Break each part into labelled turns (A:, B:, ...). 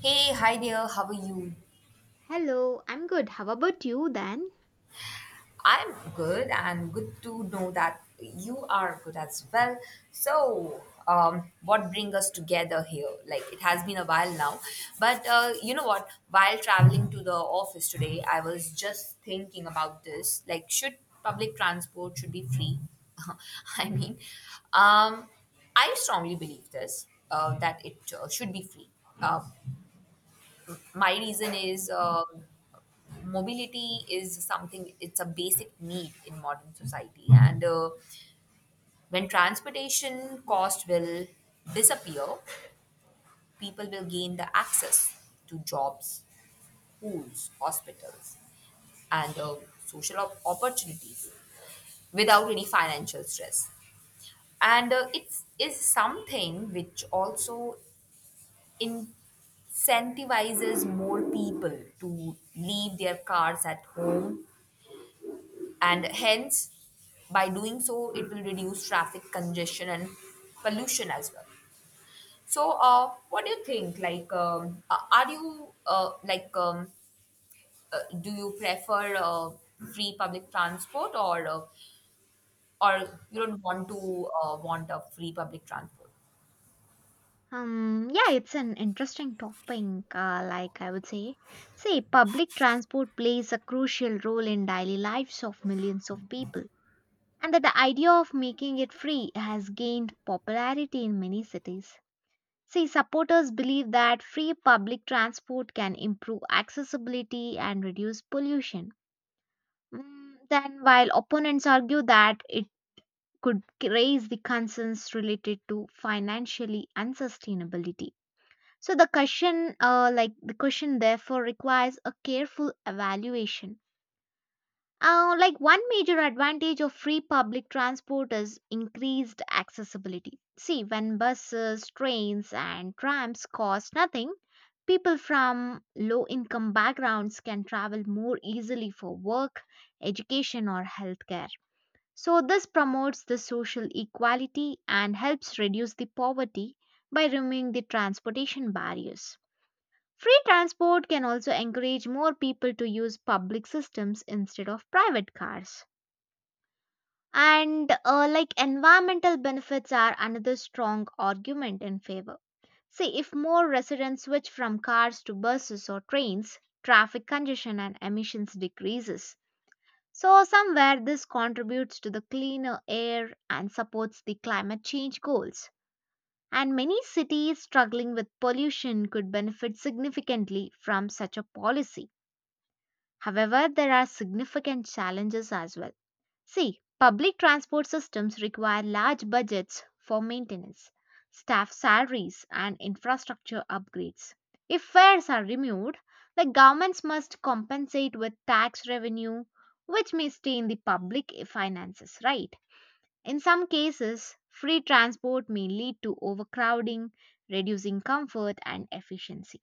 A: Hey, hi there, how are you?
B: Hello, I'm good. How about you then?
A: I'm good and good to know that you are good as well. So, what brings us together here? Like, it has been a while now. But you know what? While traveling to the office today, I was just thinking about this. Like, should public transport should be free? I mean, um, I strongly believe this that it should be free. Uh, my reason is mobility is something, it's a basic need in modern society, and when transportation cost will disappear, people will gain the access to jobs, schools, hospitals, and social opportunities without any financial stress. And it is something which also incentivizes more people to leave their cars at home, and hence by doing so, it will reduce traffic congestion and pollution as well. So, what do you think? Like are you, like, do you prefer free public transport, or you don't want to, want a free public transport?
B: Yeah, it's an interesting topic, like I would say. See, public transport plays a crucial role in daily lives of millions of people, and that the idea of making it free has gained popularity in many cities. See, supporters believe that free public transport can improve accessibility and reduce pollution. Mm, then, while opponents argue that it could raise the concerns related to financially and sustainability. So the question, like the question therefore requires a careful evaluation. Like, one major advantage of free public transport is increased accessibility. See, when buses, trains and trams cost nothing, people from low income backgrounds can travel more easily for work, education or healthcare. So, this promotes the social equality and helps reduce the poverty by removing the transportation barriers. Free transport can also encourage more people to use public systems instead of private cars. And like, environmental benefits are another strong argument in favor. See, if more residents switch from cars to buses or trains, traffic congestion and emissions decreases. So, somewhere this contributes to the cleaner air and supports the climate change goals. And many cities struggling with pollution could benefit significantly from such a policy. However, there are significant challenges as well. See, public transport systems require large budgets for maintenance, staff salaries, and infrastructure upgrades. If fares are removed, the governments must compensate with tax revenue, which may stay in the public finances, right? In some cases, free transport may lead to overcrowding, reducing comfort and efficiency.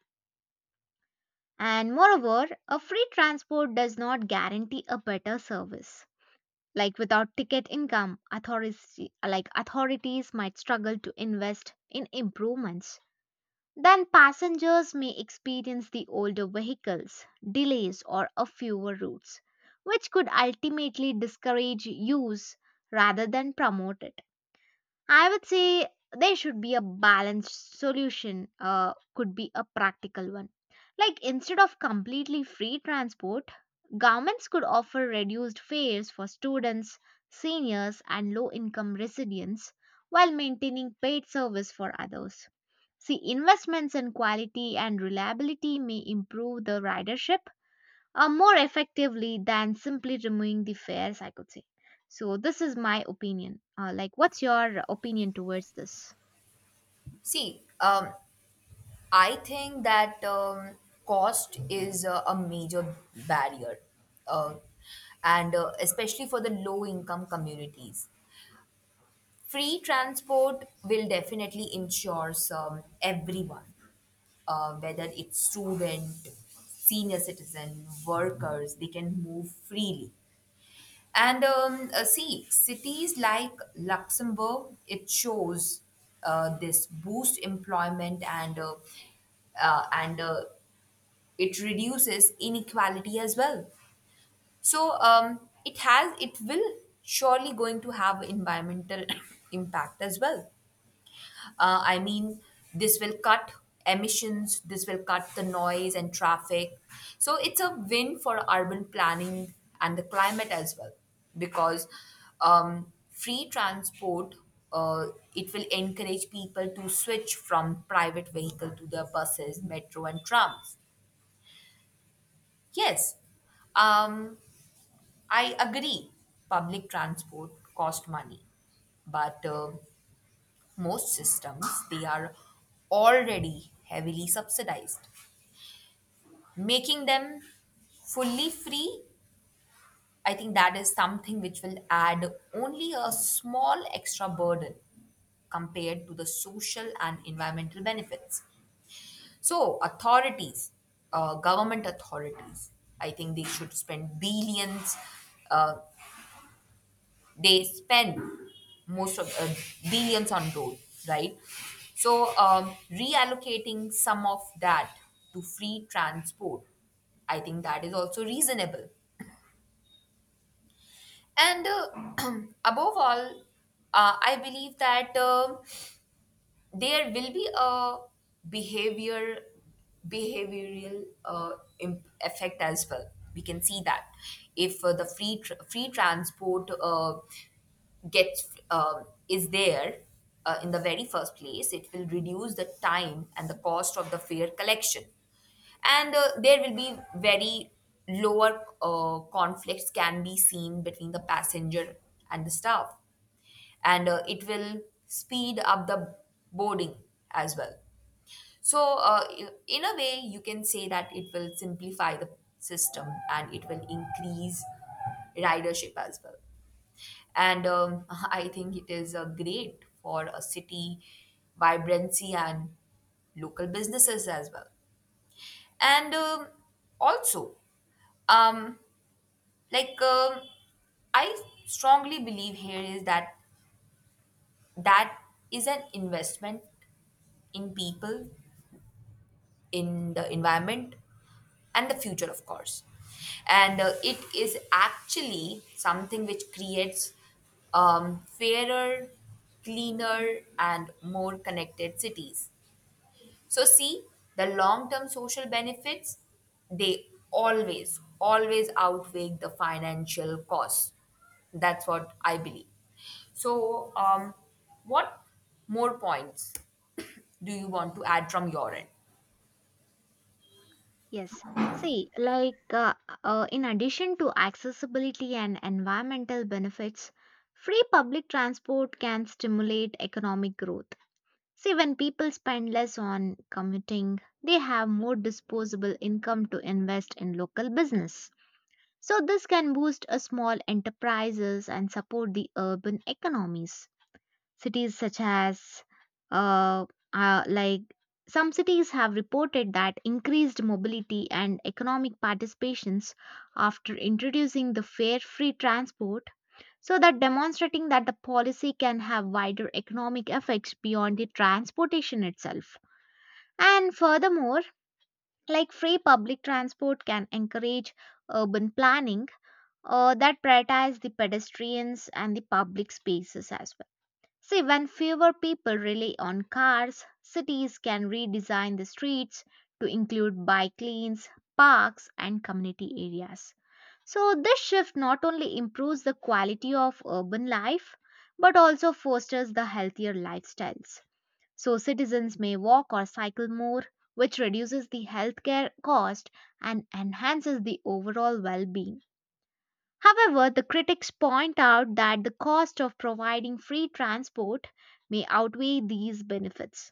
B: And moreover, a free transport does not guarantee a better service. Like without ticket income, like authorities might struggle to invest in improvements. Then passengers may experience the older vehicles, delays, or a fewer routes, which could ultimately discourage use rather than promote it. I would say there should be a balanced solution, could be a practical one. Like instead of completely free transport, governments could offer reduced fares for students, seniors, and low income residents while maintaining paid service for others. See, investments in quality and reliability may improve the ridership more effectively than simply removing the fares, I could say. So, this is my opinion. Like, what's your opinion towards this?
A: See, I think that cost is a major barrier, uh, and especially for the low income communities, free transport will definitely ensure everyone, whether it's student, senior citizen, workers, they can move freely. And see, cities like Luxembourg, it shows this boost employment, and it reduces inequality as well. So it will surely going to have environmental impact as well. I mean, this will cut emissions, this will cut the noise and traffic. So it's a win for urban planning and the climate as well, because free transport, uh, it will encourage people to switch from private vehicle to the buses, metro, and trams. Yes, um, I agree. Public transport cost money, but most systems, they are already heavily subsidized. Making them fully free, I think that is something which will add only a small extra burden compared to the social and environmental benefits. So, authorities, government authorities, I think they should spend billions, uh, they spend most of billions on road, right? So, reallocating some of that to free transport, I think that is also reasonable. And above all, I believe that there will be a behavior behavioral effect as well. We can see that if the free transport gets is there in the very first place, it will reduce the time and the cost of the fare collection, and there will be very lower conflicts can be seen between the passenger and the staff, and it will speed up the boarding as well. So, in a way, you can say that it will simplify the system and it will increase ridership as well. And I think it is great for a city vibrancy and local businesses as well. And also, um, like, I strongly believe here is that that is an investment in people, in the environment, and the future, of course. And it is actually something which creates fairer, cleaner, and more connected cities. So, see, the long-term social benefits, they always, always outweigh the financial costs. That's what I believe. So, what more points do you want to add from your end?
B: Yes. See, like, in addition to accessibility and environmental benefits, free public transport can stimulate economic growth. See, when people spend less on commuting, they have more disposable income to invest in local business. So this can boost a small enterprises and support the urban economies. Cities such as uh, like some cities have reported that increased mobility and economic participations after introducing the fare free transport. So that demonstrating that the policy can have wider economic effects beyond the transportation itself. And furthermore, like free public transport can encourage urban planning that prioritize the pedestrians and the public spaces as well. See, when fewer people rely on cars, cities can redesign the streets to include bike lanes, parks, and community areas. So, this shift not only improves the quality of urban life but also fosters the healthier lifestyles. So, citizens may walk or cycle more, which reduces the healthcare cost and enhances the overall well being. However, the critics point out that the cost of providing free transport may outweigh these benefits.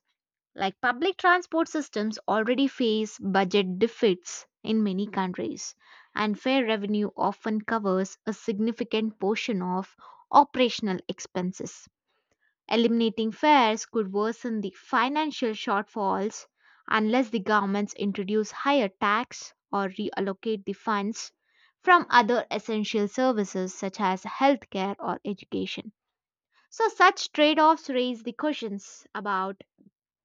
B: Like public transport systems already face budget deficits in many countries, and fare revenue often covers a significant portion of operational expenses. Eliminating fares could worsen the financial shortfalls unless the governments introduce higher tax or reallocate the funds from other essential services such as healthcare or education. So, such trade offs raise the questions about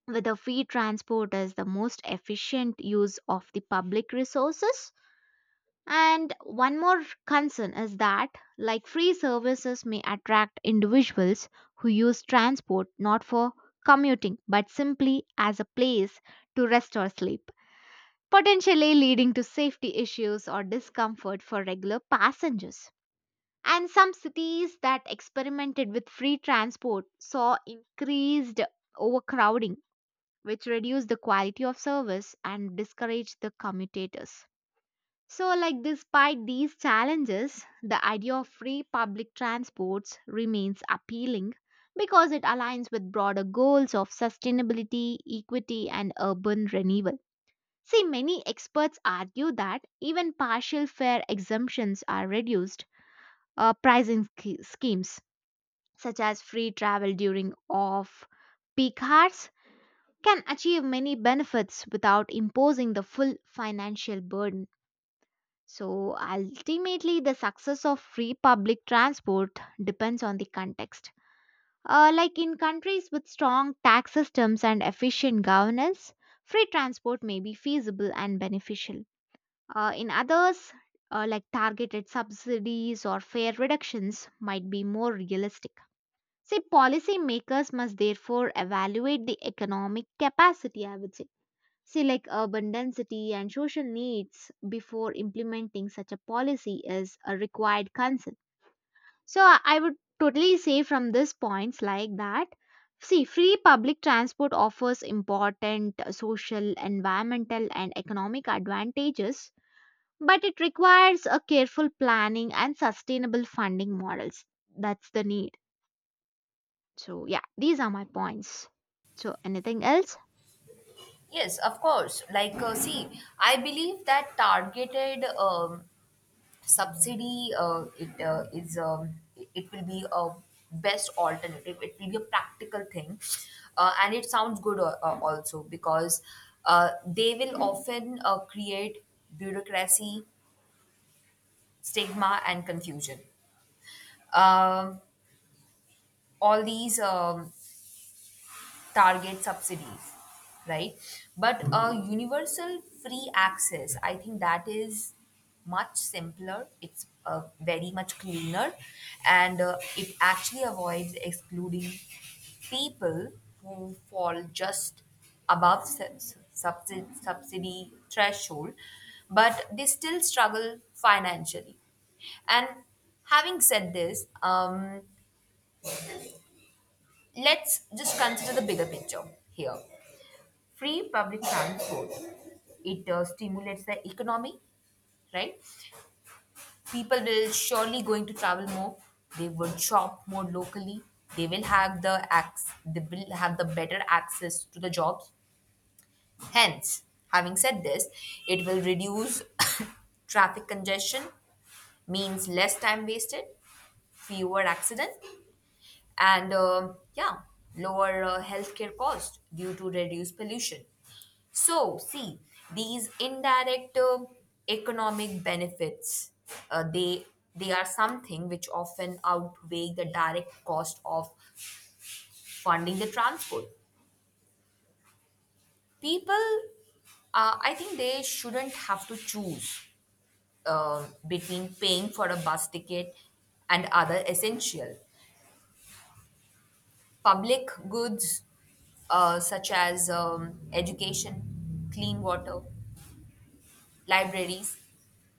B: whether free transport is the most efficient use of the public resources. And one more concern is that, like free services may attract individuals who use transport not for commuting but simply as a place to rest or sleep, potentially leading to safety issues or discomfort for regular passengers. And some cities that experimented with free transport saw increased overcrowding, which reduced the quality of service and discouraged the commutators. So, like, despite these challenges, the idea of free public transports remains appealing because it aligns with broader goals of sustainability, equity, and urban renewal. See, many experts argue that even partial fare exemptions are reduced, pricing schemes such as free travel during off peak hours can achieve many benefits without imposing the full financial burden. So ultimately, the success of free public transport depends on the context. Like in countries with strong tax systems and efficient governance, free transport may be feasible and beneficial. In others, like targeted subsidies or fare reductions, might be more realistic. See, policymakers must therefore evaluate the economic capacity, I would say. See, like urban density and social needs before implementing such a policy is a required concern. So, I would totally say from this points like that. See, free public transport offers important social, environmental, and economic advantages, but it requires a careful planning and sustainable funding models. That's the need. So, yeah, these are my points. So, anything else?
A: Yes, of course. Like, see, I believe that targeted subsidy it is it it will be a best alternative. It will be a practical thing, and it sounds good, also because they will often create bureaucracy, stigma, and confusion. Um all these. Target subsidies, right? But a universal free access, I think that is much simpler. It's very much cleaner, and it actually avoids excluding people who fall just above subsidy threshold, but they still struggle financially. And having said this, let's just consider the bigger picture here. Free public transport, it stimulates the economy, right? People will surely going to travel more, they will shop more locally, they will have the better access to the jobs. Hence, having said this, it will reduce traffic congestion, means less time wasted, fewer accidents, and yeah, lower healthcare cost due to reduced pollution. So, see, these indirect economic benefits, uh, they they are something which often outweigh the direct cost of funding the transport. People, I think they shouldn't have to choose between paying for a bus ticket and other essential public goods, such as education, clean water, libraries,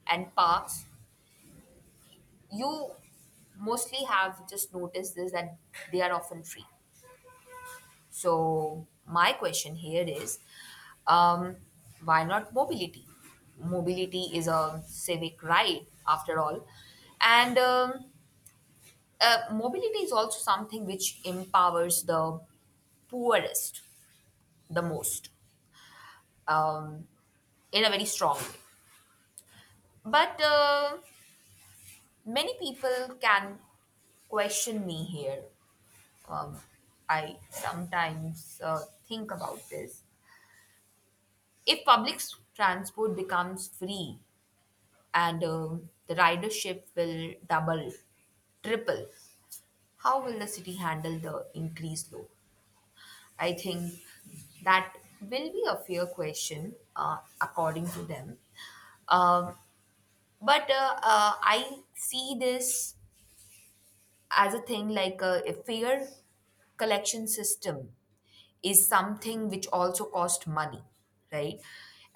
A: and parks. You mostly have just noticed this that they are often free. So my question here is, um, why not mobility? Mobility is a civic right, after all, and mobility is also something which empowers the poorest the most, um, in a very strong way. But many people can question me here. Um, I sometimes think about this. If public transport becomes free and the ridership will double, triple, how will the city handle the increased load? I think that will be a fair question, according to them. Um, but I see this as a thing like a fair collection system is something which also cost money, right?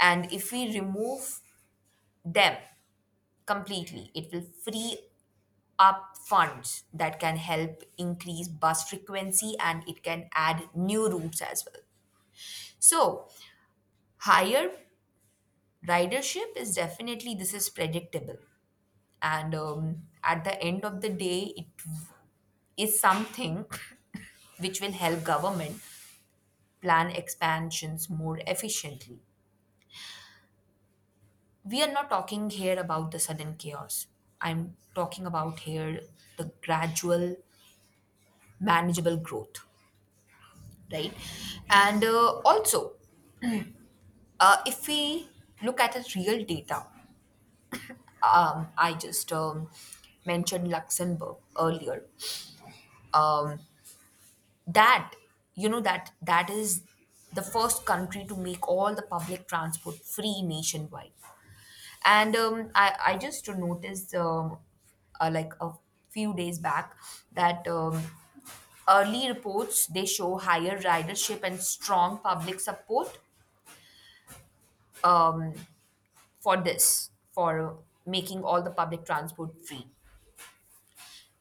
A: And if we remove them completely, it will free up funds that can help increase bus frequency and it can add new routes as well. So, higher ridership is definitely, this is predictable. And at the end of the day, it is something which will help government plan expansions more efficiently. We are not talking here about the sudden chaos. I'm talking about here the gradual, manageable growth, right? And also, if we look at the real data, I just mentioned Luxembourg earlier. Um, that, you know that that is the first country to make all the public transport free nationwide. And I just noticed, like a few days back, that early reports, they show higher ridership and strong public support, um, for this, for making all the public transport free.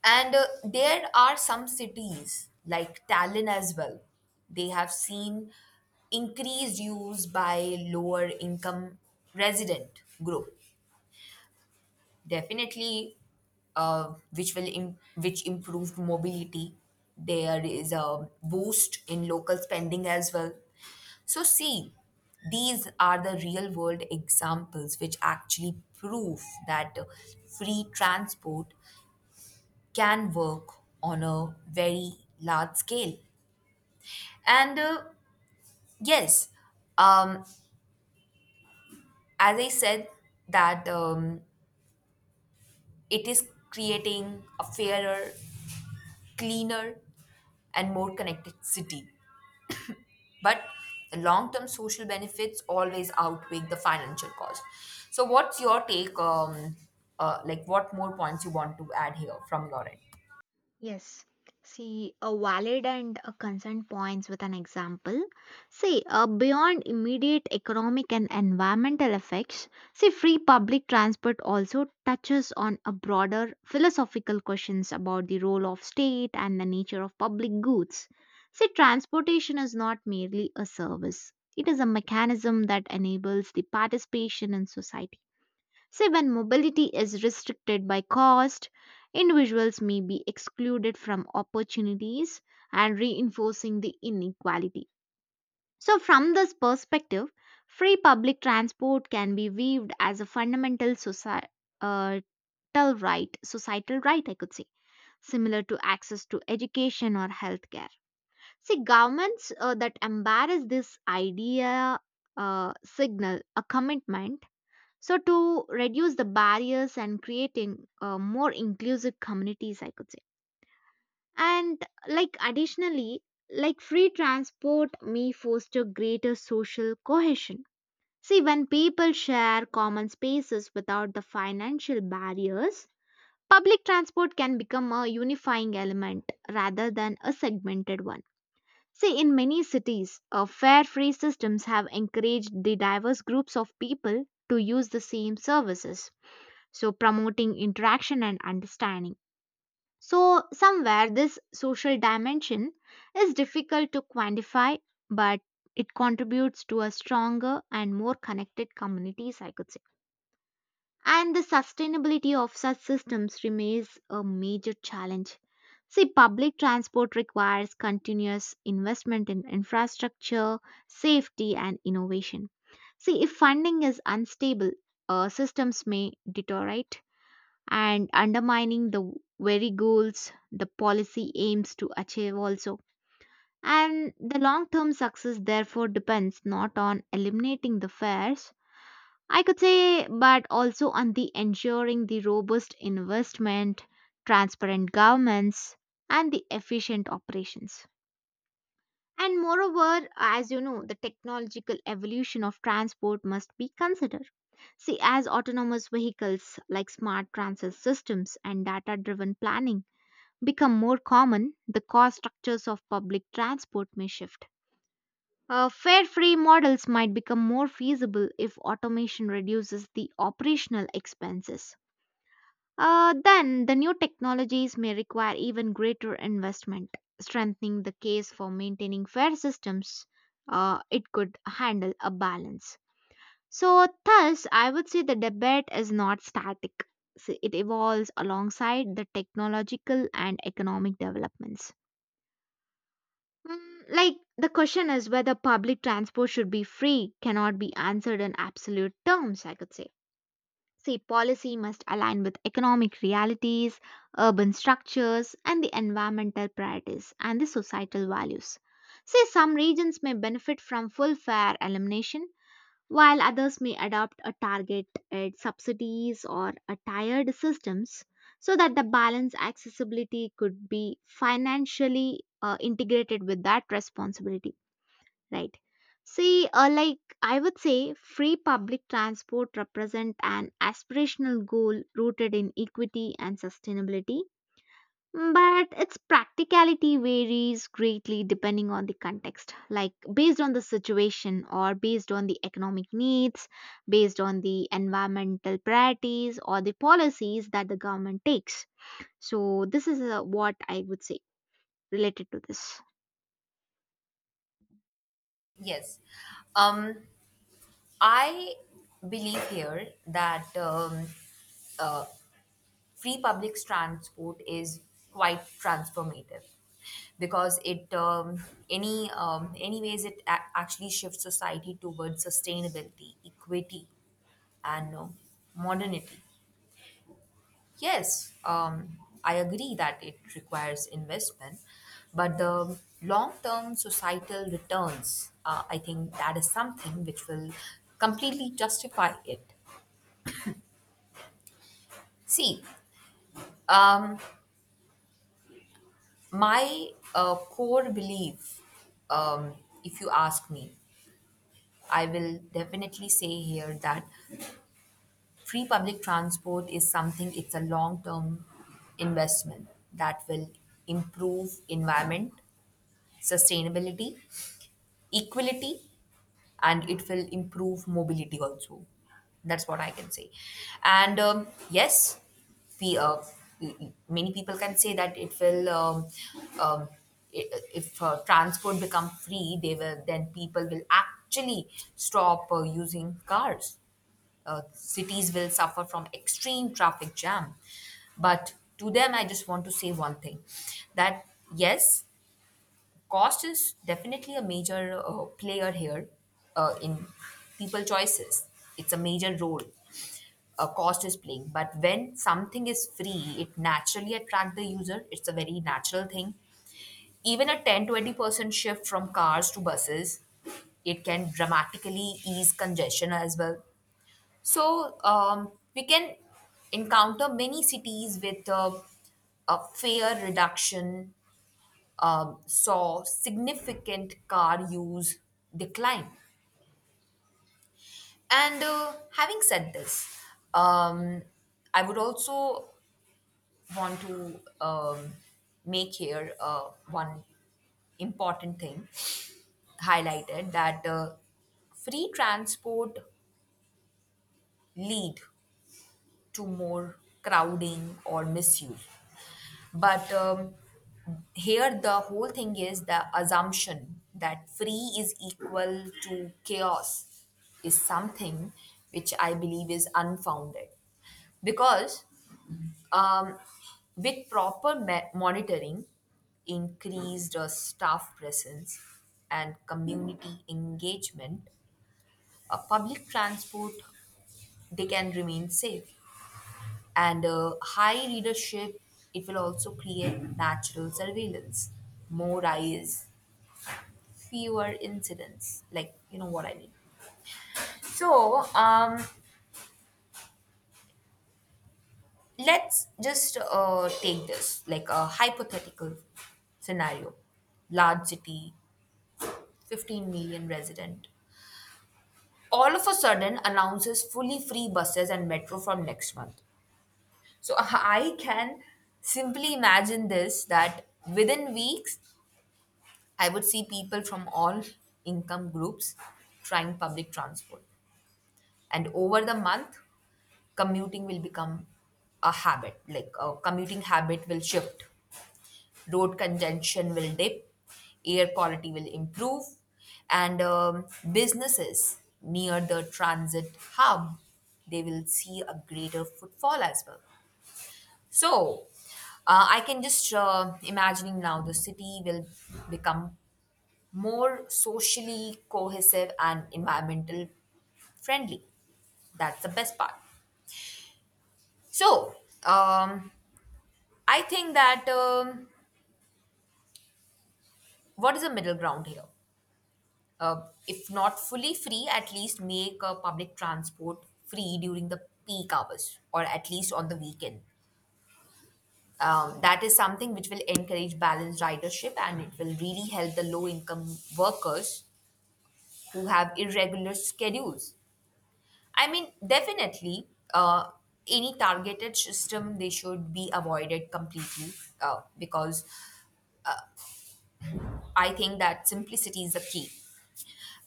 A: And there are some cities like Tallinn as well. They have seen increased use by lower income resident group, definitely, which improved mobility. There is a boost in local spending as well. So, see, these are the real world examples which actually prove that free transport can work on a very large scale. And yes, um, as I said that it is creating a fairer, cleaner, and more connected city. But the long term social benefits always outweigh the financial cost. So, what's your take? Like, what more points you want to add here from your end?
B: Yes. See, a valid and a consent points with an example. See, beyond immediate economic and environmental effects, see, free public transport also touches on a broader philosophical questions about the role of state and the nature of public goods. See, transportation is not merely a service. It is a mechanism that enables the participation in society. See, when mobility is restricted by cost, individuals may be excluded from opportunities and reinforcing the inequality. So, from this perspective, free public transport can be viewed as a fundamental societal right, societal right, I could say, similar to access to education or healthcare. See, governments that embrace this idea signal a commitment, so, to reduce the barriers and creating more inclusive communities, I could say. And like additionally, like free transport may foster greater social cohesion. See, when people share common spaces without the financial barriers, public transport can become a unifying element rather than a segmented one. See, in many cities, fare free systems have encouraged the diverse groups of people to use the same services, so promoting interaction and understanding. So, somewhere this social dimension is difficult to quantify, but it contributes to a stronger and more connected communities, I could say. And the sustainability of such systems remains a major challenge. See, public transport requires continuous investment in infrastructure, safety, and innovation. See, if funding is unstable, systems may deteriorate and undermining the very goals the policy aims to achieve also. And the long term success therefore depends not on eliminating the fares, I could say, but also on the ensuring the robust investment, transparent governments, and the efficient operations. And moreover, as you know, the technological evolution of transport must be considered. See, as autonomous vehicles like smart transit systems and data driven planning become more common, the cost structures of public transport may shift. Fare free models might become more feasible if automation reduces the operational expenses. Then, the new technologies may require even greater investment, strengthening the case for maintaining fair systems. It could handle a balance. So, thus, I would say the debate is not static. So it evolves alongside the technological and economic developments. Mm, like the question is whether public transport should be free cannot be answered in absolute terms, I could say. See, policy must align with economic realities, urban structures, and the environmental priorities and the societal values. See, some regions may benefit from full fare elimination while others may adopt a target at subsidies or a tiered systems so that the balance accessibility could be financially integrated with that responsibility, right? See, like I would say, free public transport represent an aspirational goal rooted in equity and sustainability but its practicality varies greatly depending on the context, like based on the situation or based on the economic needs, based on the environmental priorities or the policies that the government takes. So, this is what I would say related to this.
A: Yes. Um, I believe here that uh, free public transport is quite transformative, because it, any ways, it actually shifts society towards sustainability, equity, and modernity. Yes, I agree that it requires investment, but the long term societal returns, I think that is something which will completely justify it. See, um, my core belief, um, if you ask me, I will definitely say here that free public transport is something, it's a long term investment that will improve environment, sustainability, equality, and it will improve mobility also. That's what I can say. And yes, we many people can say that it will, um, if transport become free, they will then people will actually stop using cars. Cities will suffer from extreme traffic jam. But to them, I just want to say one thing, that yes, cost is definitely a major player here, in people choices. It's a major role a cost is playing. But when something is free, it naturally attract the user. It's a very natural thing. Even a 10-20% shift from cars to buses, it can dramatically ease congestion as well. So, we can encounter many cities with a fair reduction, saw significant car use decline. And having said this, um, I would also want to, make here one important thing highlighted, that free transport lead to more crowding or misuse. But here, the whole thing is the assumption that free is equal to chaos is something which I believe is unfounded. Because um, with proper monitoring, increased staff presence, and community engagement, public transport, they can remain safe. And high readership, it will also create natural surveillance, more eyes, fewer incidents. Like, you know what I mean. So, let's just take this like a hypothetical scenario. Large city, 15 million resident. All of a sudden announces fully free buses and metro from next month. So I can simply imagine this, that within weeks I would see people from all income groups trying public transport. And over the month, commuting will become a habit, like a commuting habit will shift. Road congestion will dip, air quality will improve, and businesses near the transit hub, they will see a greater footfall as well. So, I can just imagining now the city will become more socially cohesive and environmental friendly. That's the best part. So, um, I think that, what is the middle ground here? If not fully free, at least make public transport free during the peak hours or at least on the weekend. That is something which will encourage balanced ridership, and it will really help the low income workers who have irregular schedules. I mean, definitely, uh, any targeted system, they should be avoided completely, because I think that simplicity is the key.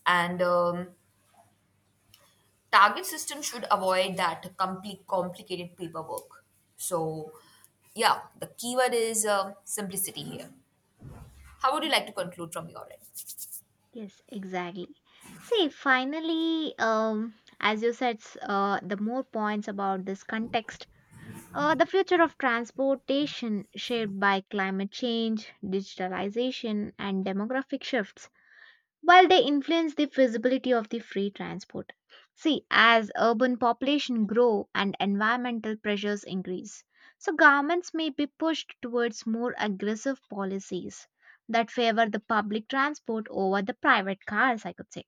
A: And target system should avoid that complete complicated paperwork. So, yeah, the keyword is simplicity here. How would you like to conclude from your end?
B: Yes, exactly. See, finally, as you said, the more points about this context. The future of transportation shaped by climate change, digitalization, and demographic shifts, while they influence the feasibility of the free transport. See, as urban population grow and environmental pressures increase, so governments may be pushed towards more aggressive policies that favor the public transport over the private cars, I could say.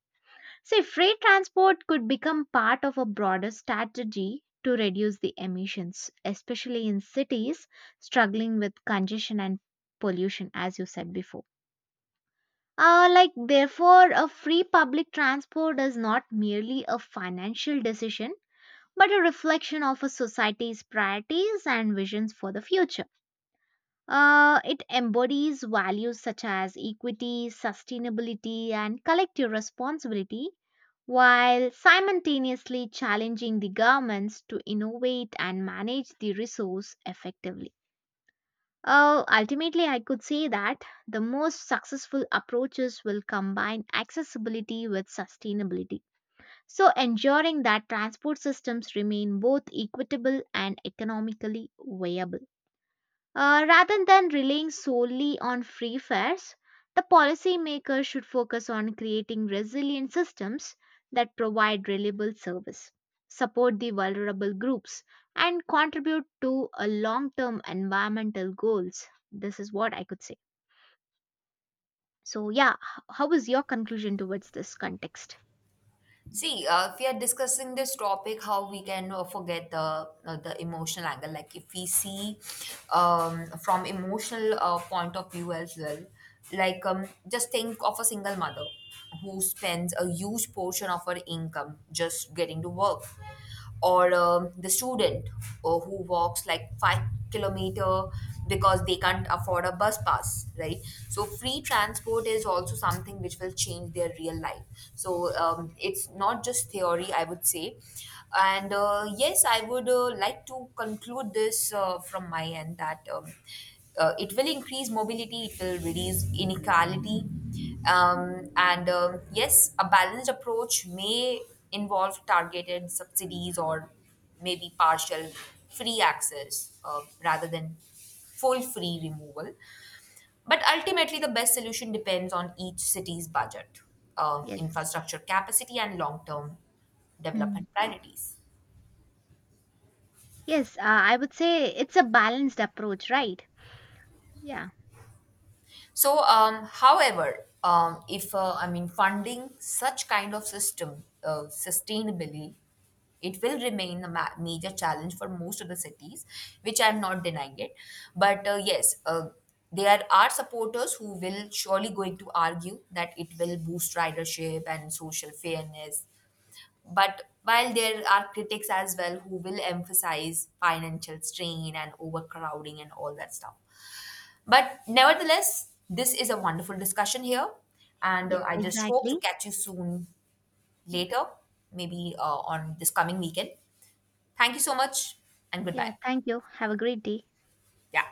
B: See, freight transport could become part of a broader strategy to reduce the emissions, especially in cities struggling with congestion and pollution, as you said before. Like, therefore, a free public transport is not merely a financial decision, but a reflection of a society's priorities and visions for the future. It embodies values such as equity, sustainability, and collective responsibility while simultaneously challenging the governments to innovate and manage the resource effectively. Oh, ultimately, I could say that the most successful approaches will combine accessibility with sustainability. So, ensuring that transport systems remain both equitable and economically viable. Rather than relying solely on free fares, the policymakers should focus on creating resilient systems that provide reliable service, support the vulnerable groups, and contribute to a long-term environmental goals. This is what I could say. So, yeah, how is your conclusion towards this context?
A: See, if we are discussing this topic, how we can forget the, the emotional angle. Like if we see, from emotional point of view as well, like just think of a single mother who spends a huge portion of her income just getting to work, or the student, who walks like 5 kilometer because they can't afford a bus pass, right? So free transport is also something which will change their real life. So it's not just theory, I would say. And yes, I would, like to conclude this, from my end, that it will increase mobility, it will reduce inequality, um, and yes, a balanced approach may involve targeted subsidies, or maybe partial free access, rather than full free removal. But ultimately, the best solution depends on each city's budget,
B: Yes.
A: infrastructure capacity, and long term
B: Hmm.
A: development priorities.
B: Yes, I would say it's a balanced approach, right? Yeah.
A: So, however, if I mean funding such kind of system sustainably, it will remain a major challenge for most of the cities, which I'm not denying it. But yes, there are supporters who will surely going to argue that it will boost ridership and social fairness. But while there are critics as well who will emphasize financial strain and overcrowding and all that stuff. But nevertheless, this is a wonderful discussion here. And
B: Yes,
A: I just hope
B: exactly.
A: to catch you soon
B: Yeah.
A: later, maybe on this coming weekend. Thank you so much and
B: Yeah.
A: goodbye.
B: Thank you. Have a great day.
A: Yeah.